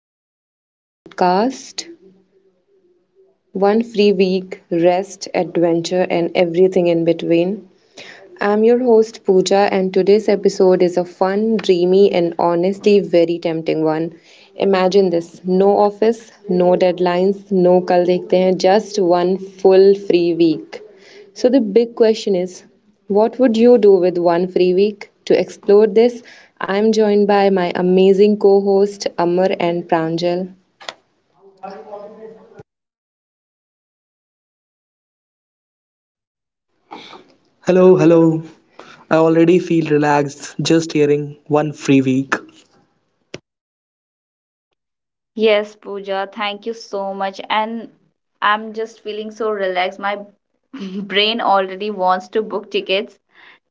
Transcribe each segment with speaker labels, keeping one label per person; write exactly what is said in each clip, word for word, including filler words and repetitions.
Speaker 1: back to our podcast one free week, rest, adventure, and everything in between. I'm your host Pooja, and today's episode is a fun, dreamy, and honestly very tempting one. Imagine this no office, no deadlines, no kal dekhte hain, just one full free week. So, the big question is what would you do with one free week? To explore this, I'm joined by my amazing co host Amar and Pranjal. Hello,
Speaker 2: Hello,
Speaker 1: hello.
Speaker 2: hello.
Speaker 1: I already feel relaxed just hearing one free week.
Speaker 2: Yes, Pooja, thank you so much. And I'm just feeling so relaxed. My brain already wants to book tickets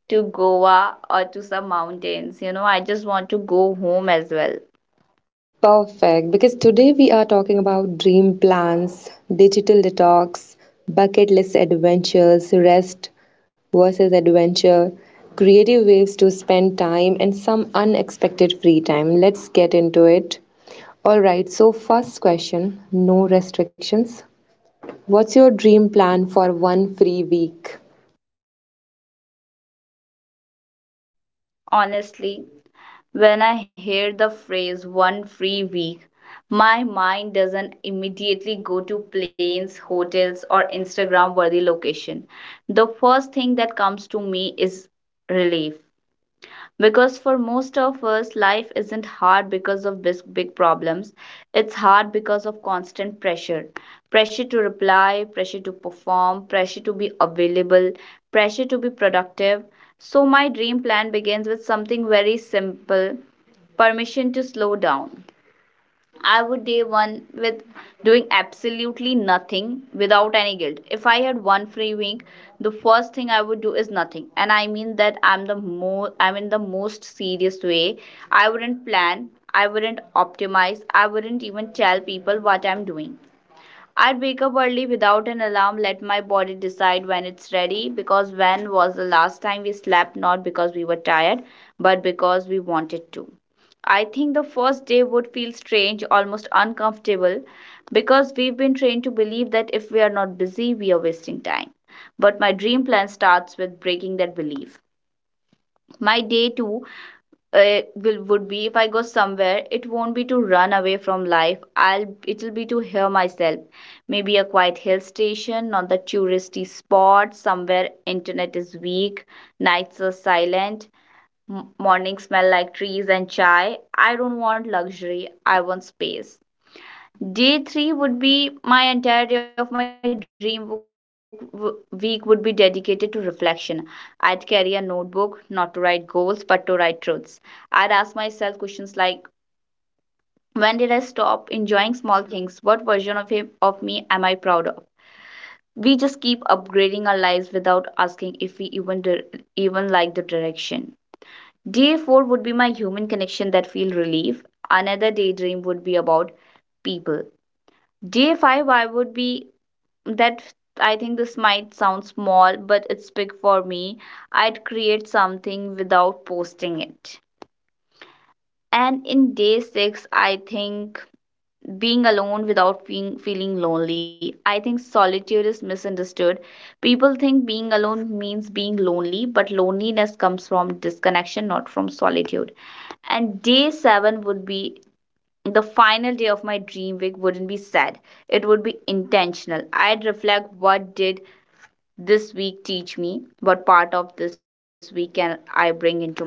Speaker 2: to Goa or to some mountains. You know, I just want to go home as well.
Speaker 1: Perfect, because today we are talking about dream plans, digital detox, bucket list adventures, rest versus adventure, creative ways to spend time, and some unexpected free time. Let's get into it. All right, so first question, no restrictions. What's your dream plan for one free week?
Speaker 2: Honestly, when I hear the phrase one free week, my mind doesn't immediately go to planes, hotels, or Instagram worthy location. The first thing that comes to me is relief, because for most of us life isn't hard because of big, big problems, it's hard because of constant pressure. Pressure to reply, pressure to perform, pressure to be available, pressure to be productive. So my dream plan begins with something very simple: permission to slow down. I would day one with doing absolutely nothing without any guilt. If I had one free week, the first thing I would do is nothing. And I mean that I'm the mo I'm in the most serious way. I wouldn't plan, I wouldn't optimize, I wouldn't even tell people what I'm doing. I'd wake up early without an alarm, let my body decide when it's ready, because when was the last time we slept not because we were tired but because we wanted to? I think the first day would feel strange, almost uncomfortable because we've been trained to believe that if we are not busy, we are wasting time. But my dream plan starts with breaking that belief. My day too uh, will would be: if I go somewhere, it won't be to run away from life, I'll it'll be to hear myself. Maybe a quiet hill station, not the touristy spot, somewhere internet is weak, nights are silent, m- mornings smell like trees and chai. I don't want luxury, I want space. Day three would be my entire day of my dream w- w- week would be dedicated to reflection. I'd carry a notebook, not to write goals but to write truths. I'd ask myself questions like, when did I stop enjoying small things? What version of him, of me am I proud of? We just keep upgrading our lives without asking if we even dir- even like the direction. Day four would be my human connection that feel relief. Another daydream would be about people. Day five I would be that, I think this might sound small but it's big for me. I'd create something without posting it. And in day six I think being alone without being, feeling lonely. I think solitude is misunderstood. People think being alone means being lonely, but loneliness comes from disconnection, not from solitude. And day seven would be the final day of my dream week, wouldn't be sad. It would be intentional. I'd reflect, what did this week teach me, what part of this week can I bring into my life.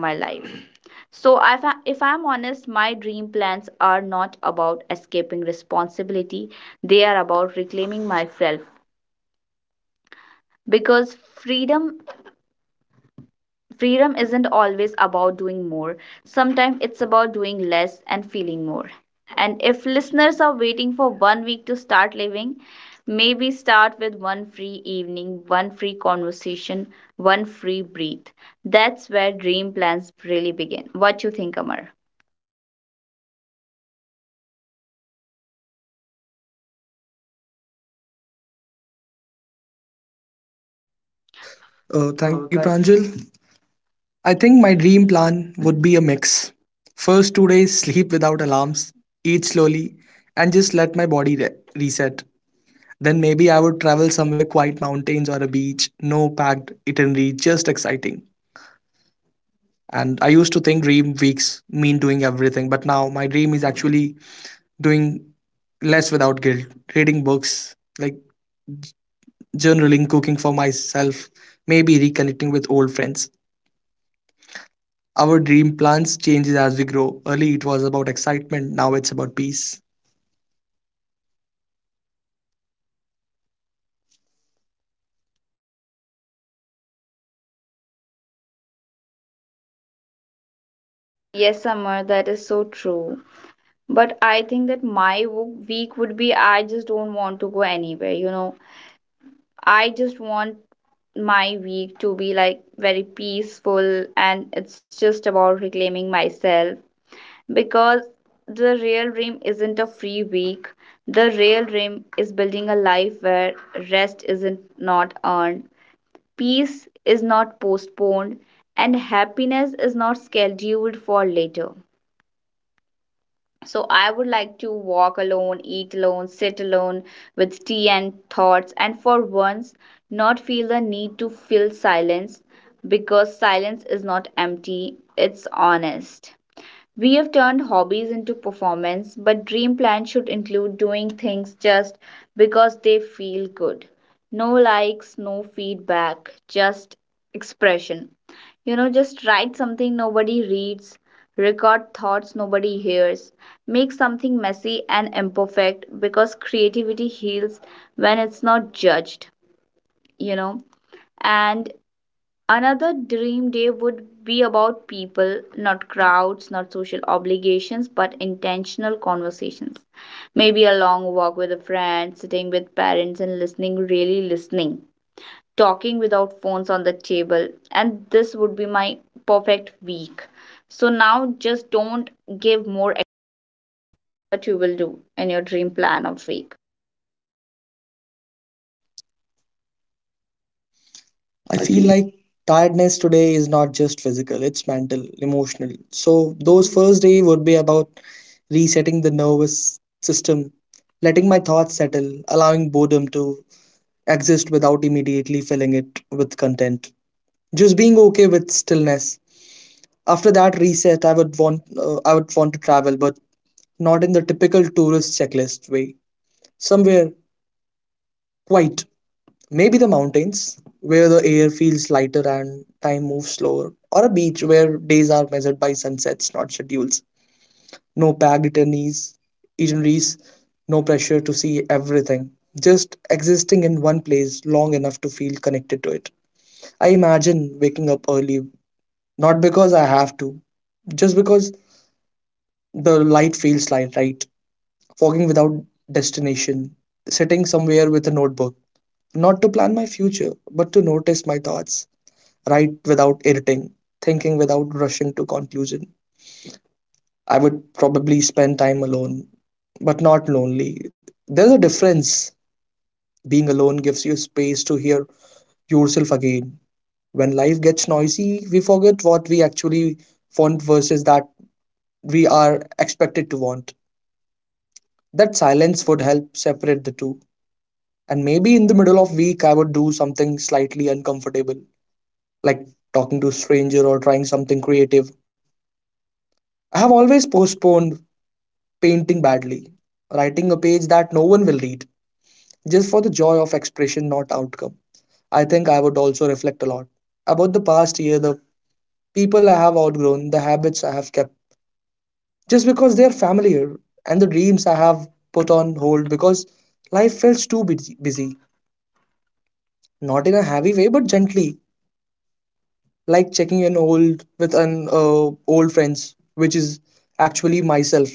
Speaker 2: So, if, I, if I'm honest, my dream plans are not about escaping responsibility. They are about reclaiming myself, because freedom freedom isn't always about doing more. Sometimes it's about doing less and feeling more. And if listeners are waiting for one week to start living, maybe start with one free evening, one free conversation, one free breath. That's where dream plans really begin. What you think, Amar? Oh.
Speaker 3: Oh, thank you, Pranjal. I think my dream plan would be a mix. First two days, sleep without alarms, eat slowly, and just let my body re- reset. Then maybe I would travel somewhere quiet mountains or a beach, no packed itinerary, just exciting. And I used to think dream weeks mean doing everything, but now my dream is actually doing less without guilt, reading books, like journaling, cooking for myself, maybe reconnecting with old friends. Our dream plans changes as we grow. Early it was about excitement, now it's about peace.
Speaker 2: Yes, Amar, that is so true. But I think that my wo- week would be, I just don't want to go anywhere, you know. I just want my week to be like very peaceful and it's just about reclaiming myself, because the real dream isn't a free week. The real dream is building a life where rest isn't not earned, peace is not postponed, and happiness is not scheduled for later. So I would like to walk alone, eat alone, sit alone with tea and thoughts, and for once not feel the need to fill silence, because silence is not empty, it's honest. We have turned hobbies into performance, but dream plans should include doing things just because they feel good. No likes, no feedback, just expression. You know, just write something nobody reads, record thoughts nobody hears, make something messy and imperfect because creativity heals when it's not judged, you know. And another dream day would be about people, not crowds, not social obligations, but intentional conversations. Maybe a long walk with a friend, sitting with parents and listening, really listening, talking without phones on the table, and this would be my perfect week. So now just don't give more that you will do in your dream plan of week.
Speaker 3: I feel like tiredness today is not just physical, it's mental, emotional. So those first day would be about resetting the nervous system, letting my thoughts settle, allowing boredom to exist without immediately filling it with content. Just being okay with stillness. After that reset, I would want uh, I would want to travel, but not in the typical tourist checklist way. Somewhere quiet. Maybe the mountains, where the air feels lighter and time moves slower, or a beach where days are measured by sunsets, not schedules. No packed itineraries, itineraries, no pressure to see everything. Just existing in one place long enough to feel connected to it. I imagine waking up early, not because I have to, just because the light feels light, right? Fogging without destination, sitting somewhere with a notebook, not to plan my future, but to notice my thoughts write without editing, thinking without rushing to conclusion. I would probably spend time alone, but not lonely. There's a difference. Being alone gives you space to hear yourself again. When life gets noisy, we forget what we actually want versus that we are expected to want. That silence would help separate the two. And maybe in the middle of week I would do something slightly uncomfortable, like talking to a stranger or trying something creative. I have always postponed painting badly, writing a page that no one will read, just for the joy of expression, not outcome. I think I would also reflect a lot about the past year, the people I have outgrown, the habits I have kept, just because they are familiar, and the dreams I have put on hold because life feels too busy, busy. not in a heavy way, but gently, like checking in old with an uh, old friends, which is actually myself.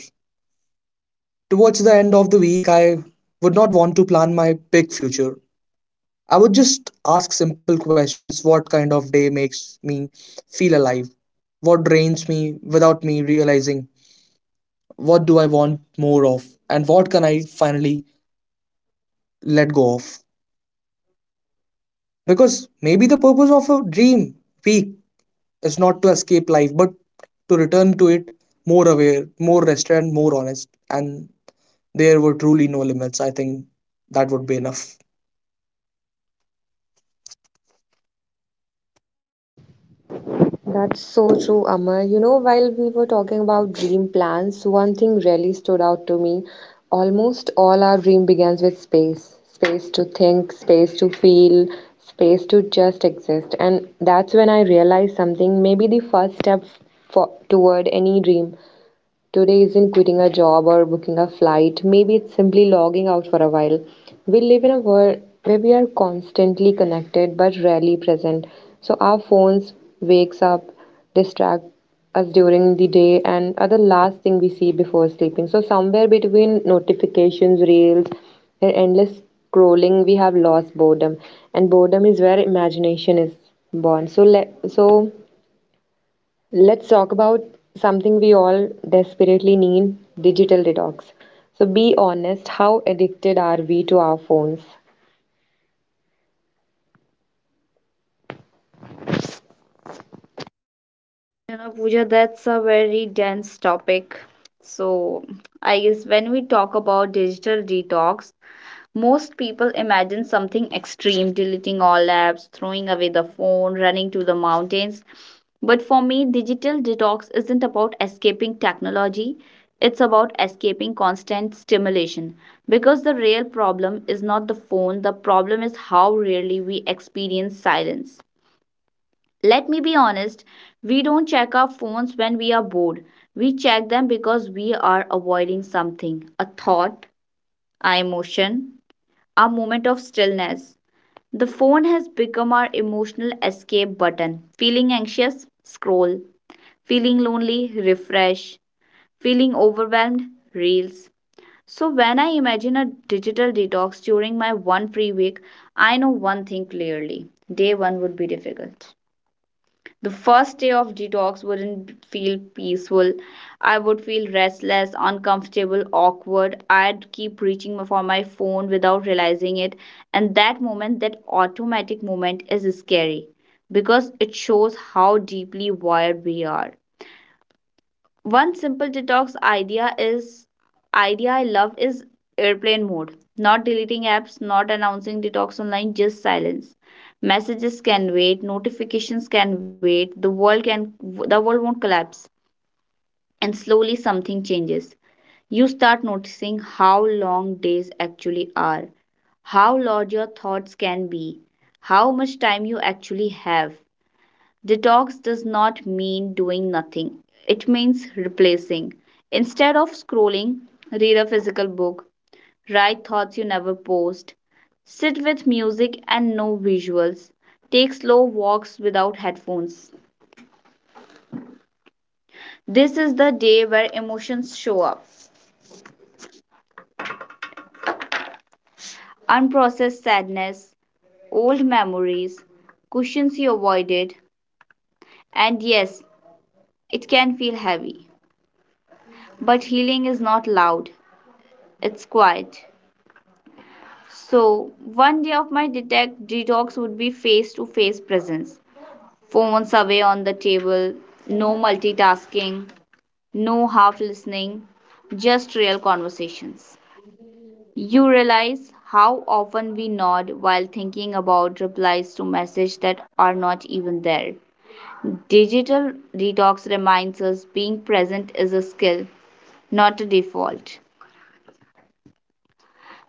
Speaker 3: Towards the end of the week, I would not want to plan my big future. I would just ask simple questions: what kind of day makes me feel alive? What drains me without me realizing? What do I want more of? And what can I finally let go of? Because maybe the purpose of a dream week is not to escape life, but to return to it more aware, more rested, and more honest. And there were truly no limits. I think that would be enough.
Speaker 1: That's so true, Amar. You know, while we were talking about dream plans, one thing really stood out to me. Almost all our dream begins with space. Space to think, space to feel, space to just exist. And that's when I realized something, maybe the first step for, toward any dream. Today isn't quitting a job or booking a flight. Maybe it's simply logging out for a while. We live in a world where we are constantly connected but rarely present. So our phones wakes up, distract us during the day, and are the last thing we see before sleeping. So somewhere between notifications, reels, and endless scrolling, we have lost boredom, and boredom is where imagination is born. So let so Let's talk about something we all desperately need, digital detox. So be honest, how addicted are we to our phones?
Speaker 2: You know, Pooja, that's a very dense topic. So I guess when we talk about digital detox, most people imagine something extreme: deleting all apps, throwing away the phone, running to the mountains. But for me, digital detox isn't about escaping technology, it's about escaping constant stimulation. Because the real problem is not the phone, the problem is how rarely we experience silence. Let me be honest, we don't check our phones when we are bored. We check them because we are avoiding something: a thought, an emotion, a moment of stillness. The phone has become our emotional escape button. Feeling anxious? Scroll. Feeling lonely? Refresh. Feeling overwhelmed? Reels. So, when I imagine a digital detox during my one free week, I know one thing clearly: day one would be difficult. The first day of detox wouldn't feel peaceful. I would feel restless, uncomfortable, awkward. I'd keep reaching for my phone without realizing it. And that moment, that automatic moment, is scary because it shows how deeply wired we are. One simple detox idea is idea I love is airplane mode. Not deleting apps, not announcing detox online, just silence. Messages can wait, notifications can wait, the world can the world won't collapse. And slowly something changes. You start noticing how long days actually are, how large your thoughts can be, how much time you actually have. Detox does not mean doing nothing, it means replacing. Instead of scrolling, read a physical book, write thoughts you never post, sit with music and no visuals, take slow walks without headphones. This is the day where emotions show up: unprocessed sadness, old memories, cushions you avoided, and yes, it can feel heavy. But healing is not loud, it's quiet. So, one day of my detect detox would be face to face presence. Phones away on the table, no multitasking, no half listening, just real conversations. You realize how often we nod while thinking about replies to messages that are not even there. Digital detox reminds us being present is a skill, not a default.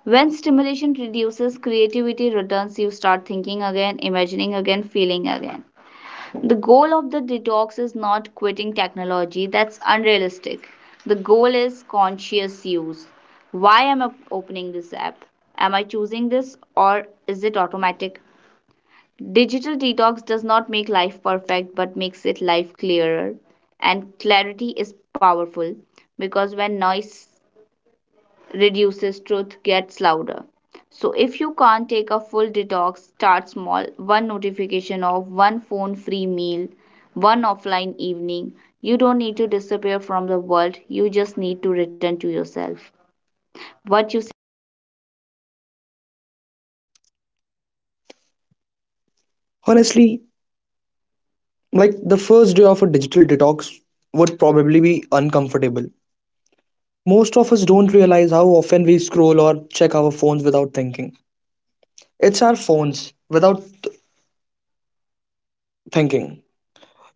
Speaker 2: When stimulation reduces, creativity returns, you start thinking again, imagining again, feeling again. The goal of the detox is not quitting technology, that's unrealistic. The goal is conscious use. Why am I opening this app? Am I choosing this or is it automatic? Digital detox does not make life perfect but makes it life clearer. And clarity is powerful because when noise reduces, truth gets louder. So if you can't take a full detox, start small. One notification off, one phone free meal, one offline evening. You don't need to disappear from the world. You just need to return to yourself. What you say?
Speaker 3: Honestly, like the first day of a digital detox would probably be uncomfortable. Most of us don't realize how often we scroll or check our phones without thinking. It's our phones without thinking.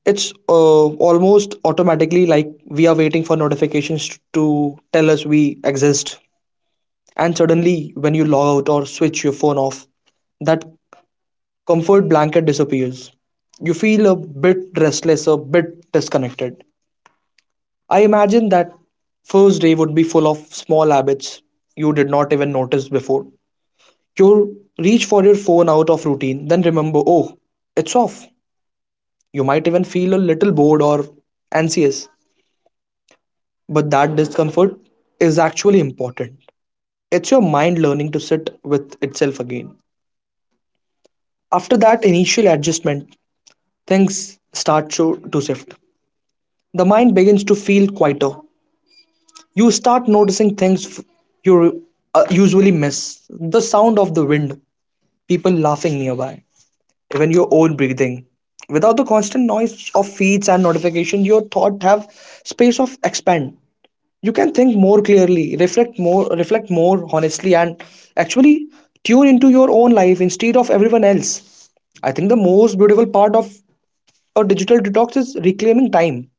Speaker 3: It's uh, almost automatically like we are waiting for notifications to tell us we exist. And suddenly, when you log out or switch your phone off, that comfort blanket disappears. You feel a bit restless, a bit disconnected. I imagine that first day would be full of small habits you did not even notice before. You reach for your phone out of routine, then remember, oh, it's off. You might even feel a little bored or anxious, but that discomfort is actually important. It's your mind learning to sit with itself again. After that initial adjustment, things start to, to shift. The mind begins to feel quieter. You start noticing things f- you uh, usually miss: the sound of the wind, people laughing nearby, even your own breathing. Without the constant noise of feeds and notification, your thought have space of expand. You can think more clearly, reflect more, reflect more honestly, and actually tune into your own life instead of everyone else. I think the most beautiful part of a digital detox is reclaiming time.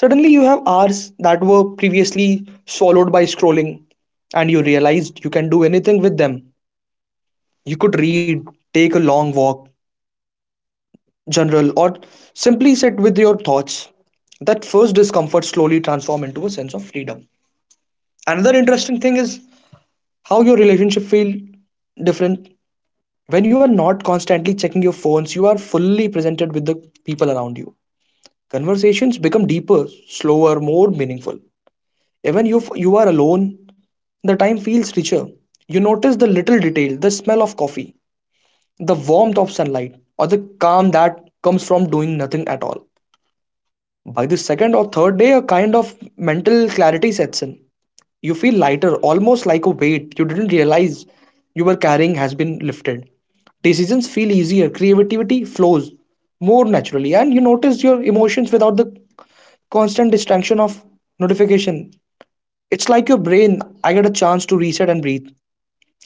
Speaker 3: Suddenly, you have hours that were previously swallowed by scrolling, and you realized you can do anything with them. You could read, take a long walk, general, or simply sit with your thoughts. That first discomfort slowly transform into a sense of freedom. Another interesting thing is how your relationship feel different when you are not constantly checking your phones. You are fully presented with the people around you. Conversations become deeper, slower, more meaningful. Even if you are alone, the time feels richer. You notice the little detail, the smell of coffee, the warmth of sunlight, or the calm that comes from doing nothing at all. By the second or third day, a kind of mental clarity sets in. You feel lighter, almost like a weight you didn't realize you were carrying has been lifted. Decisions feel easier, creativity flows more naturally, and you notice your emotions without the constant distraction of notification. It's like your brain, I get a chance to reset and breathe.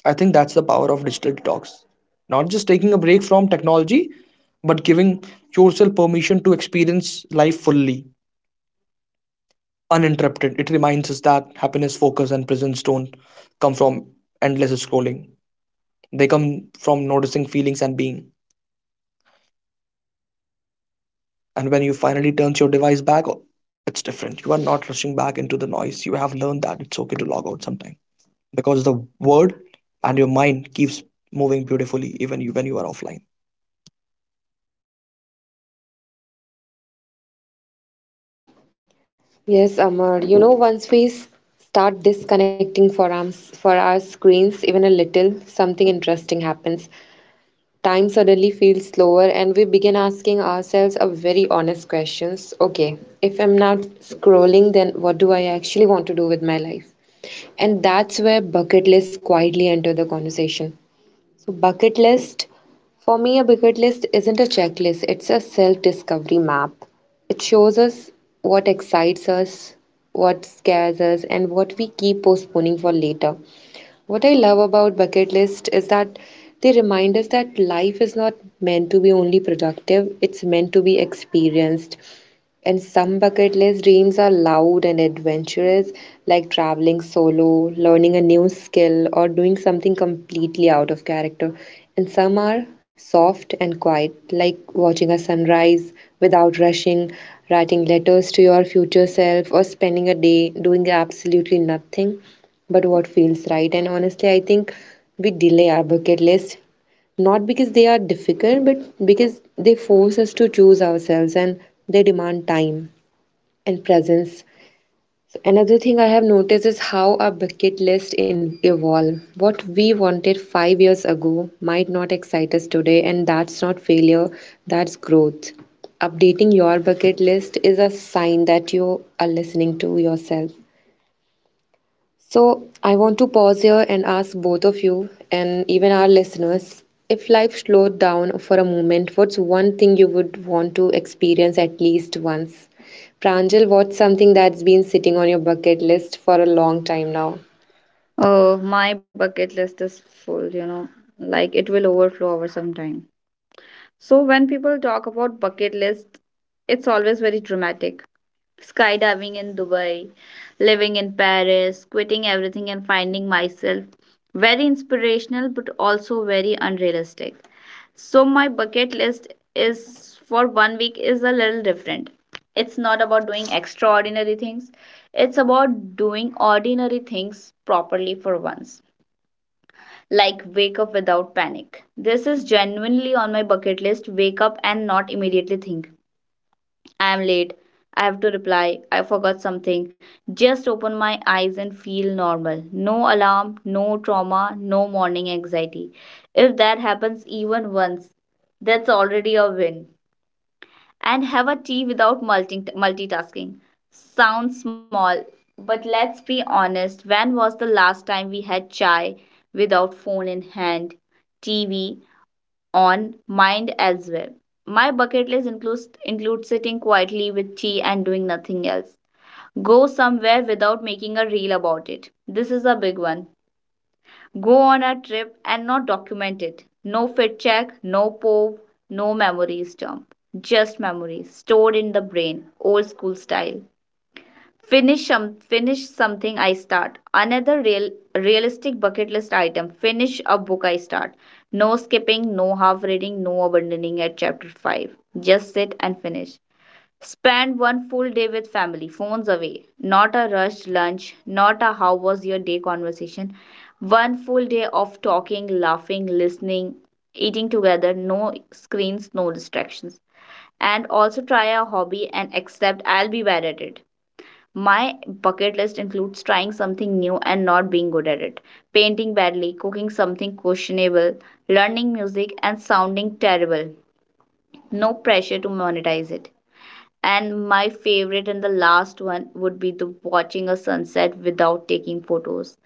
Speaker 3: I think that's the power of digital detox. Not just taking a break from technology, but giving yourself permission to experience life fully uninterrupted. It reminds us that happiness, focus, and presence don't come from endless scrolling. They come from noticing feelings and being. And when you finally turns your device back, oh, it's different. You are not rushing back into the noise. You have learned that it's okay to log out sometime because the word and your mind keeps moving beautifully even you when you are offline.
Speaker 1: Yes, Amar. You know, once we s- start disconnecting for our, for our screens even a little, something interesting happens. Time suddenly feels slower, and we begin asking ourselves a very honest questions. Okay, if I'm not scrolling, then what do I actually want to do with my life? And that's where bucket list quietly enter the conversation. So, bucket list for me, a bucket list isn't a checklist, it's a self discovery map. It shows us what excites us, what scares us, and what we keep postponing for later. What I love about bucket list is that they remind us that life is not meant to be only productive, it's meant to be experienced. And some bucket list dreams are loud and adventurous, like traveling solo, learning a new skill, or doing something completely out of character. And some are soft and quiet, like watching a sunrise without rushing, writing letters to your future self, or spending a day doing absolutely nothing but what feels right. And honestly, I think we delay our bucket list not because they are difficult, but because they force us to choose ourselves and they demand time and presence. So another thing I have noticed is how our bucket list in- evolve. What we wanted five years ago might not excite us today, and that's not failure, that's growth. Updating your bucket list is a sign that you are listening to yourself. So, I want to pause here and ask both of you and even our listeners if life slowed down for a moment, what's one thing you would want to experience at least once? Pranjal, what's something that's been sitting on your bucket list for a long time now?
Speaker 2: Oh, my bucket list is full, you know, like it will overflow over some time. So when people talk about bucket list, it's always very dramatic: skydiving in Dubai, living in Paris, quitting everything and finding myself. Very inspirational, but also very unrealistic. So, my bucket list is for one week is a little different. It's not about doing extraordinary things, it's about doing ordinary things properly for once. Like, wake up without panic. This is genuinely on my bucket list. Wake up and not immediately think, I am late, I have to reply, I forgot something. Just open my eyes and feel normal. No alarm, no trauma, no morning anxiety. If that happens even once, that's already a win. And have a tea without multi- multitasking. Sounds small, but let's be honest. When was the last time we had chai without phone in hand, T V, on mind as well. My bucket list includes includes sitting quietly with tea and doing nothing else. Go somewhere without making a reel about it. This is a big one. Go on a trip and not document it. No fit check, no pov, no memories dump. Just memories stored in the brain, old school style. Finish some finish something I start. Another real realistic bucket list item. Finish a book I start. No skipping, no half reading, no abandoning at chapter five. Just sit and finish. Spend one full day with family, phones away. Not a rushed lunch, not a how was your day conversation. One full day of talking, laughing, listening, eating together, no screens, no distractions. And also try a hobby and accept I'll be bad at it. My bucket list includes trying something new and not being good at it, painting badly, cooking something questionable, learning music and sounding terrible. No pressure to monetize it. And my favorite and the last one would be the watching a sunset without taking photos.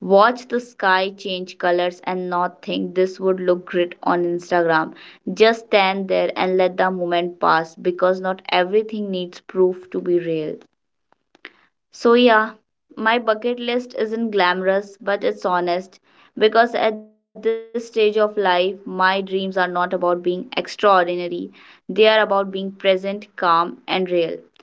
Speaker 2: Watch the sky change colors and not think, this would look great on Instagram. Just stand there and let the moment pass because not everything needs proof to be real. So, yeah, my bucket list isn't glamorous, but it's honest because at this stage of life, my dreams are not about being extraordinary, they are about being present, calm, and real.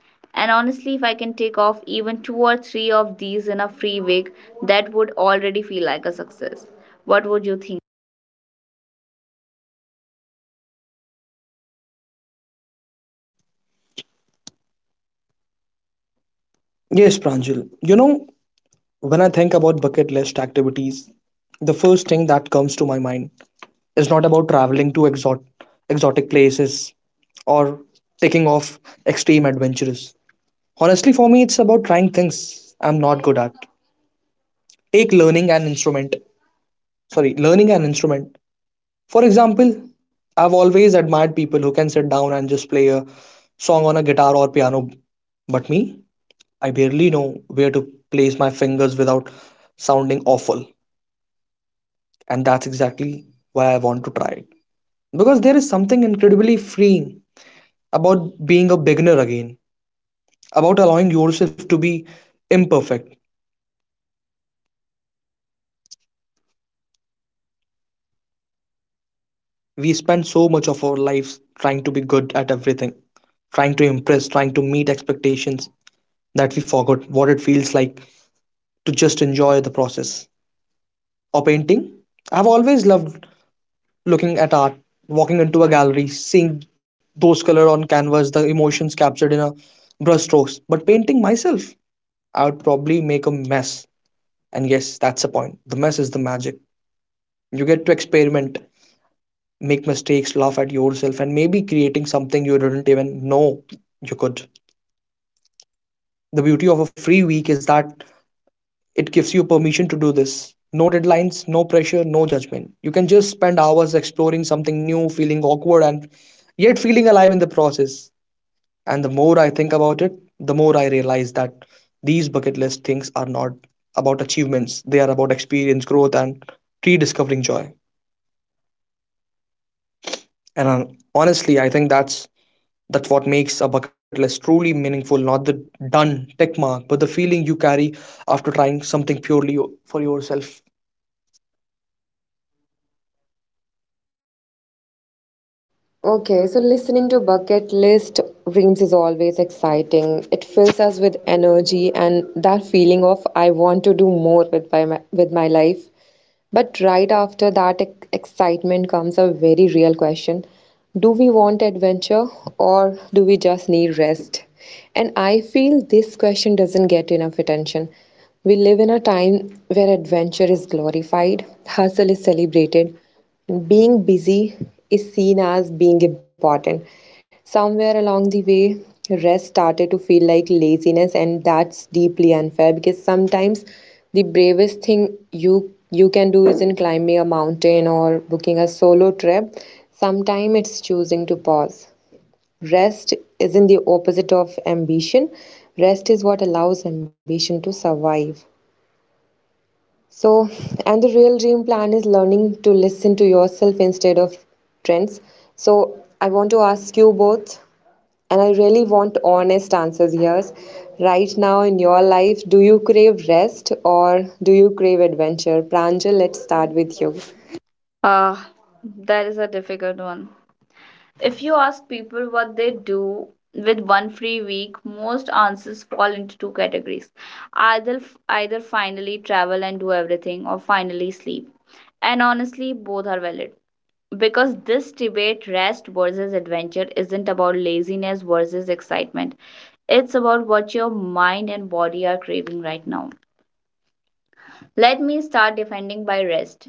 Speaker 2: And honestly, if I can take off even two or three of these in a free week, that would already feel like a success. What would you think?
Speaker 3: Yes, Pranjal. You know, when I think about bucket list activities, the first thing that comes to my mind is not about traveling to exot- exotic places or taking off extreme adventures. Honestly, for me, it's about trying things I'm not good at. Take learning an instrument. Sorry, learning an instrument. For example, I've always admired people who can sit down and just play a song on a guitar or piano. But me, I barely know where to place my fingers without sounding awful. And that's exactly why I want to try it. Because there is something incredibly freeing about being a beginner again, about allowing yourself to be imperfect. We spend so much of our lives trying to be good at everything, trying to impress, trying to meet expectations that we forgot what it feels like to just enjoy the process. Or painting. I've always loved looking at art, walking into a gallery, seeing those colors on canvas, the emotions captured in a brush strokes. But painting myself, I would probably make a mess. And yes, that's the point. The mess is the magic. You get to experiment, make mistakes, laugh at yourself, and maybe creating something you didn't even know you could. The beauty of a free week is that it gives you permission to do this. No deadlines, no pressure, no judgment. You can just spend hours exploring something new, feeling awkward, and yet feeling alive in the process. And the more I think about it, the more I realize that these bucket list things are not about achievements, they are about experience, growth, and rediscovering joy. And uh, honestly, I think that's That's what makes a bucket list truly meaningful, not the done tick mark, but the feeling you carry after trying something purely yo- for yourself.
Speaker 1: Okay, so listening to bucket list dreams is always exciting. It fills us with energy and that feeling of I want to do more with my with my life. But right after that ex- excitement comes a very real question. Do we want adventure or do we just need rest? And I feel this question doesn't get enough attention. We live in a time where adventure is glorified, hustle is celebrated, being busy is seen as being important. Somewhere along the way, rest started to feel like laziness, and that's deeply unfair because sometimes the bravest thing you you can do isn't climbing a mountain or booking a solo trip. Sometimes it's choosing to pause. Rest isn't the opposite of ambition. Rest is what allows ambition to survive. So, and the real dream plan is learning to listen to yourself instead of trends. So, I want to ask you both, and I really want honest answers here. Right now in your life, do you crave rest or do you crave adventure? Pranjal, let's start with
Speaker 2: You.
Speaker 1: you.
Speaker 2: Ah, that is a difficult one. If you ask people what they do with one free week, most answers fall into two categories. Either either finally travel and do everything or finally sleep. And honestly, both are valid. Because this debate, rest versus adventure, isn't about laziness versus excitement. It's about what your mind and body are craving right now. Let me start defending by rest.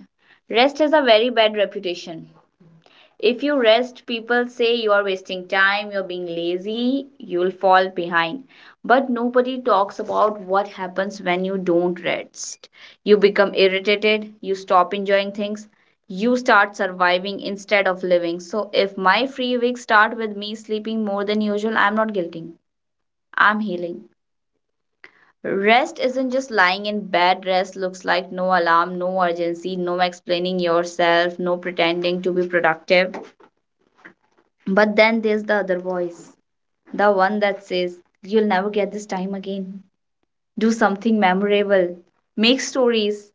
Speaker 2: Rest has a very bad reputation. If you rest, people say you are wasting time, you're being lazy, you'll fall behind. But nobody talks about what happens when you don't rest. You become irritated, you stop enjoying things, you start surviving instead of living. So if my free week start with me sleeping more than usual, I'm not guilty. I'm healing. Rest isn't just lying in bed. Rest looks like no alarm, no urgency, no explaining yourself, no pretending to be productive. But then there's the other voice, the one that says, you'll never get this time again. Do something memorable, make stories.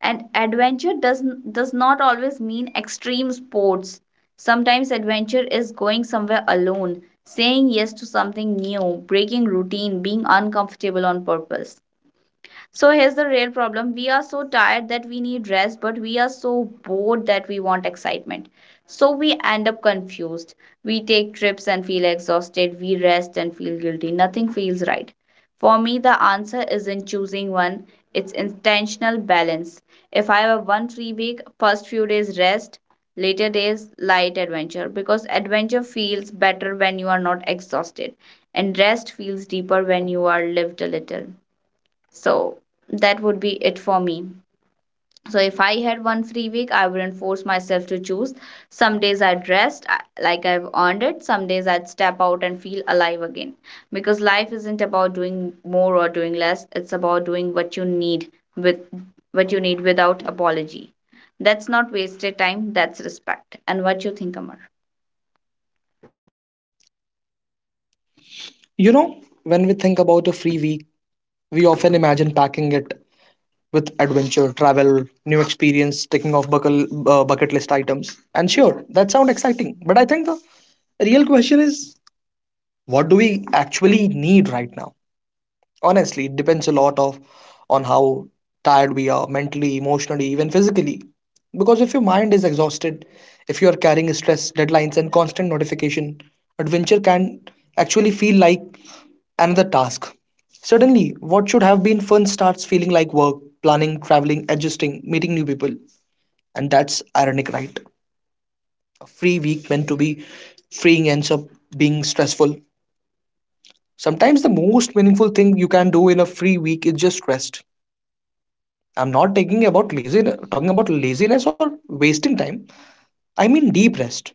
Speaker 2: And adventure does, does not always mean extreme sports. Sometimes adventure is going somewhere alone, saying yes to something new, breaking routine, being uncomfortable on purpose. So here's the real problem. We are so tired that we need rest, but we are so bored that we want excitement. So we end up confused. We take trips and feel exhausted. We rest and feel guilty. Nothing feels right. For me, the answer isn't choosing one, it's intentional balance. If I have one free week, first few days rest, later days light adventure, because adventure feels better when you are not exhausted, and rest feels deeper when you are lived a little. So that would be it for me. So if I had one free week, I wouldn't force myself to choose. Some days I'd rest I- like I've earned it. Some days I'd step out and feel alive again. Because life isn't about doing more or doing less. It's about doing what you need with what you need without apology. That's not wasted time, that's respect. And what you think, Amar?
Speaker 3: You know, when we think about a free week, we often imagine packing it with adventure, travel, new experience, ticking off buckle, uh, bucket list items. And sure, that sounds exciting, but I think the real question is what do we actually need right now? Honestly, it depends a lot of on how tired we are mentally, emotionally, even physically. Because if your mind is exhausted, if you are carrying stress, deadlines, and constant notification, adventure can actually feel like another task. Suddenly, what should have been fun starts feeling like work, planning, traveling, adjusting, meeting new people. And that's ironic, right? A free week meant to be freeing ends up being stressful. Sometimes the most meaningful thing you can do in a free week is just rest. I'm not taking about lazy, talking about laziness or wasting time. I mean deep rest,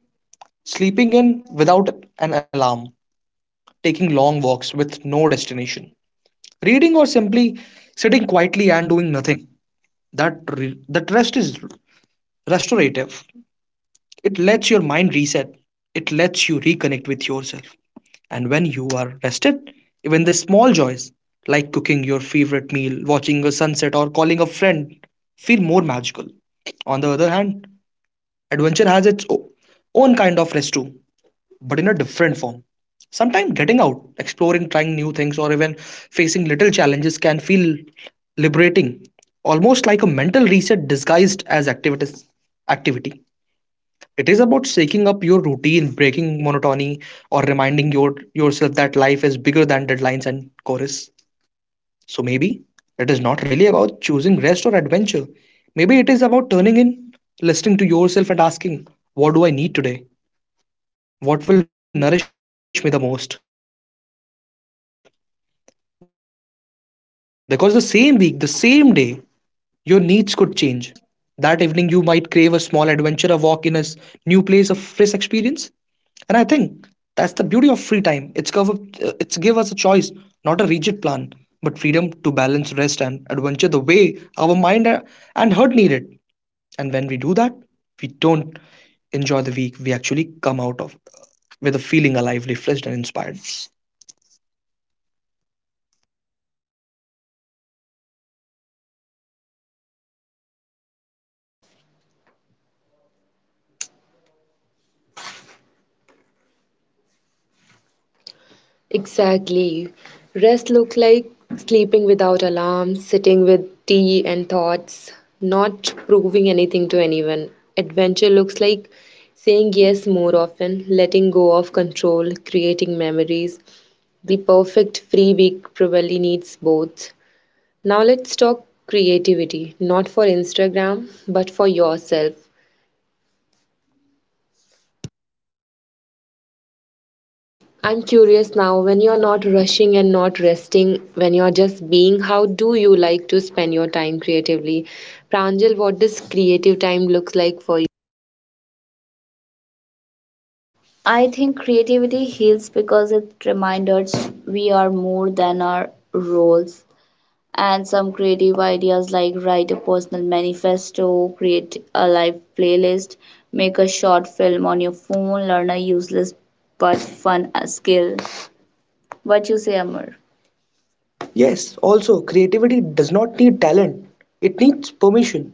Speaker 3: sleeping in without an alarm, taking long walks with no destination, reading or simply sitting quietly and doing nothing. That re- that rest is restorative. It lets your mind reset. It lets you reconnect with yourself. And when you are rested, even the small joys like cooking your favorite meal, watching a sunset, or calling a friend feel more magical. On the other hand, adventure has its o- own kind of rest too, but in a different form. Sometimes getting out, exploring, trying new things, or even facing little challenges can feel liberating, almost like a mental reset disguised as activities, activity. It is about shaking up your routine, breaking monotony, or reminding your, yourself that life is bigger than deadlines and chorus. So maybe it is not really about choosing rest or adventure. Maybe it is about turning in, listening to yourself, and asking, what do I need today? What will nourish me the most? Because the same week, the same day, your needs could change. One morning, you might need a slow cup of coffee in peace. That evening, you might crave a small adventure, a walk in a s- new place, a fresh experience. And I think that's the beauty of free time. It's cover, uh, it's give us a choice, not a rigid plan, but freedom to balance rest and adventure the way our mind a- and heart need it. And when we do that, we don't enjoy the week. We actually come out of with a feeling alive, refreshed, and inspired.
Speaker 1: Exactly. Rest look like sleeping without alarms, sitting with tea and thoughts, not proving anything to anyone. Adventure looks like saying yes more often, letting go of control, creating memories. The perfect free week probably needs both. Now let's talk creativity, not for Instagram, but for yourself. I'm curious now, when you're not rushing and not resting, when you're just being, how do you like to spend your time creatively? Pranjal, what does creative time looks like for you? I think creativity heals because it reminds us we are more than our roles. And some creative ideas like write a personal manifesto, create a live playlist, make a short film on your phone, learn a useless but fun uh, skill. What you say, Amar? Yes, also, creativity does not need talent, it needs permission.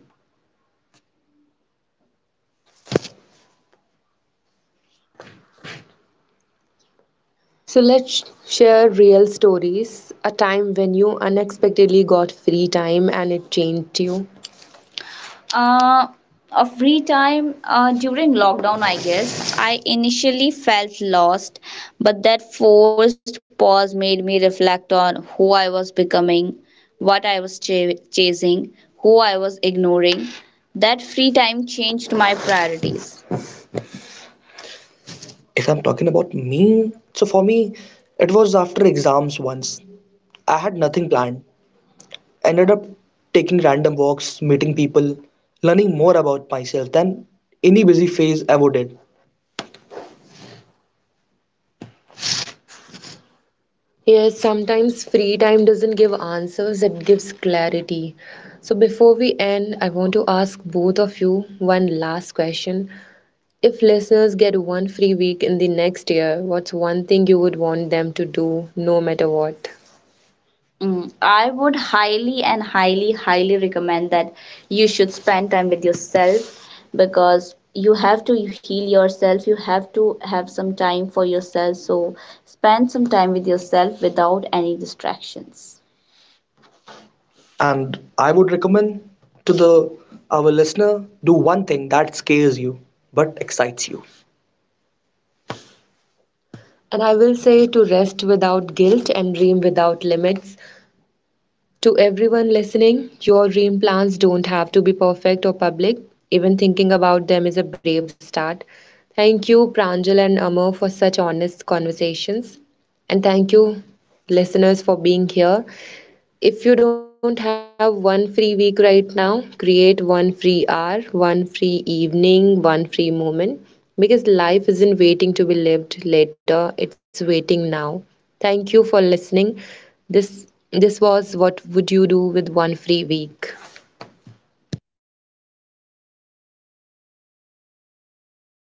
Speaker 1: So let's share real stories, a time when you unexpectedly got free time and it changed you. Uh, a free time uh, during lockdown, I guess. I initially felt lost, but that forced pause made me reflect on who I was becoming, what I was ch- chasing, who I was ignoring. That free time changed my priorities. If I'm talking about me, so for me, it was after exams once. I had nothing planned. I ended up taking random walks, meeting people, learning more about myself than any busy phase ever did. Yes, sometimes free time doesn't give answers, it gives clarity. So, before we end, I want to ask both of you one last question. If listeners get one free week in the next year, what's one thing you would want them to do no matter what? Mm, I would highly and highly, highly recommend that you should spend time with yourself because you have to heal yourself. You have to have some time for yourself. So spend some time with yourself without any distractions. And I would recommend to the our listener do one thing that scares you but excites you. And I will say to rest without guilt and dream without limits. To everyone listening, your dream plans don't have to be perfect or public. Even thinking about them is a brave start. Thank you, Pranjal and Amar, for such honest conversations. And thank you, listeners, for being here. If you don't have one free week right now, create one free hour, one free evening, one free moment because life isn't waiting to be lived later, it's waiting now. Thank you for listening. This this was what would you do with one free week?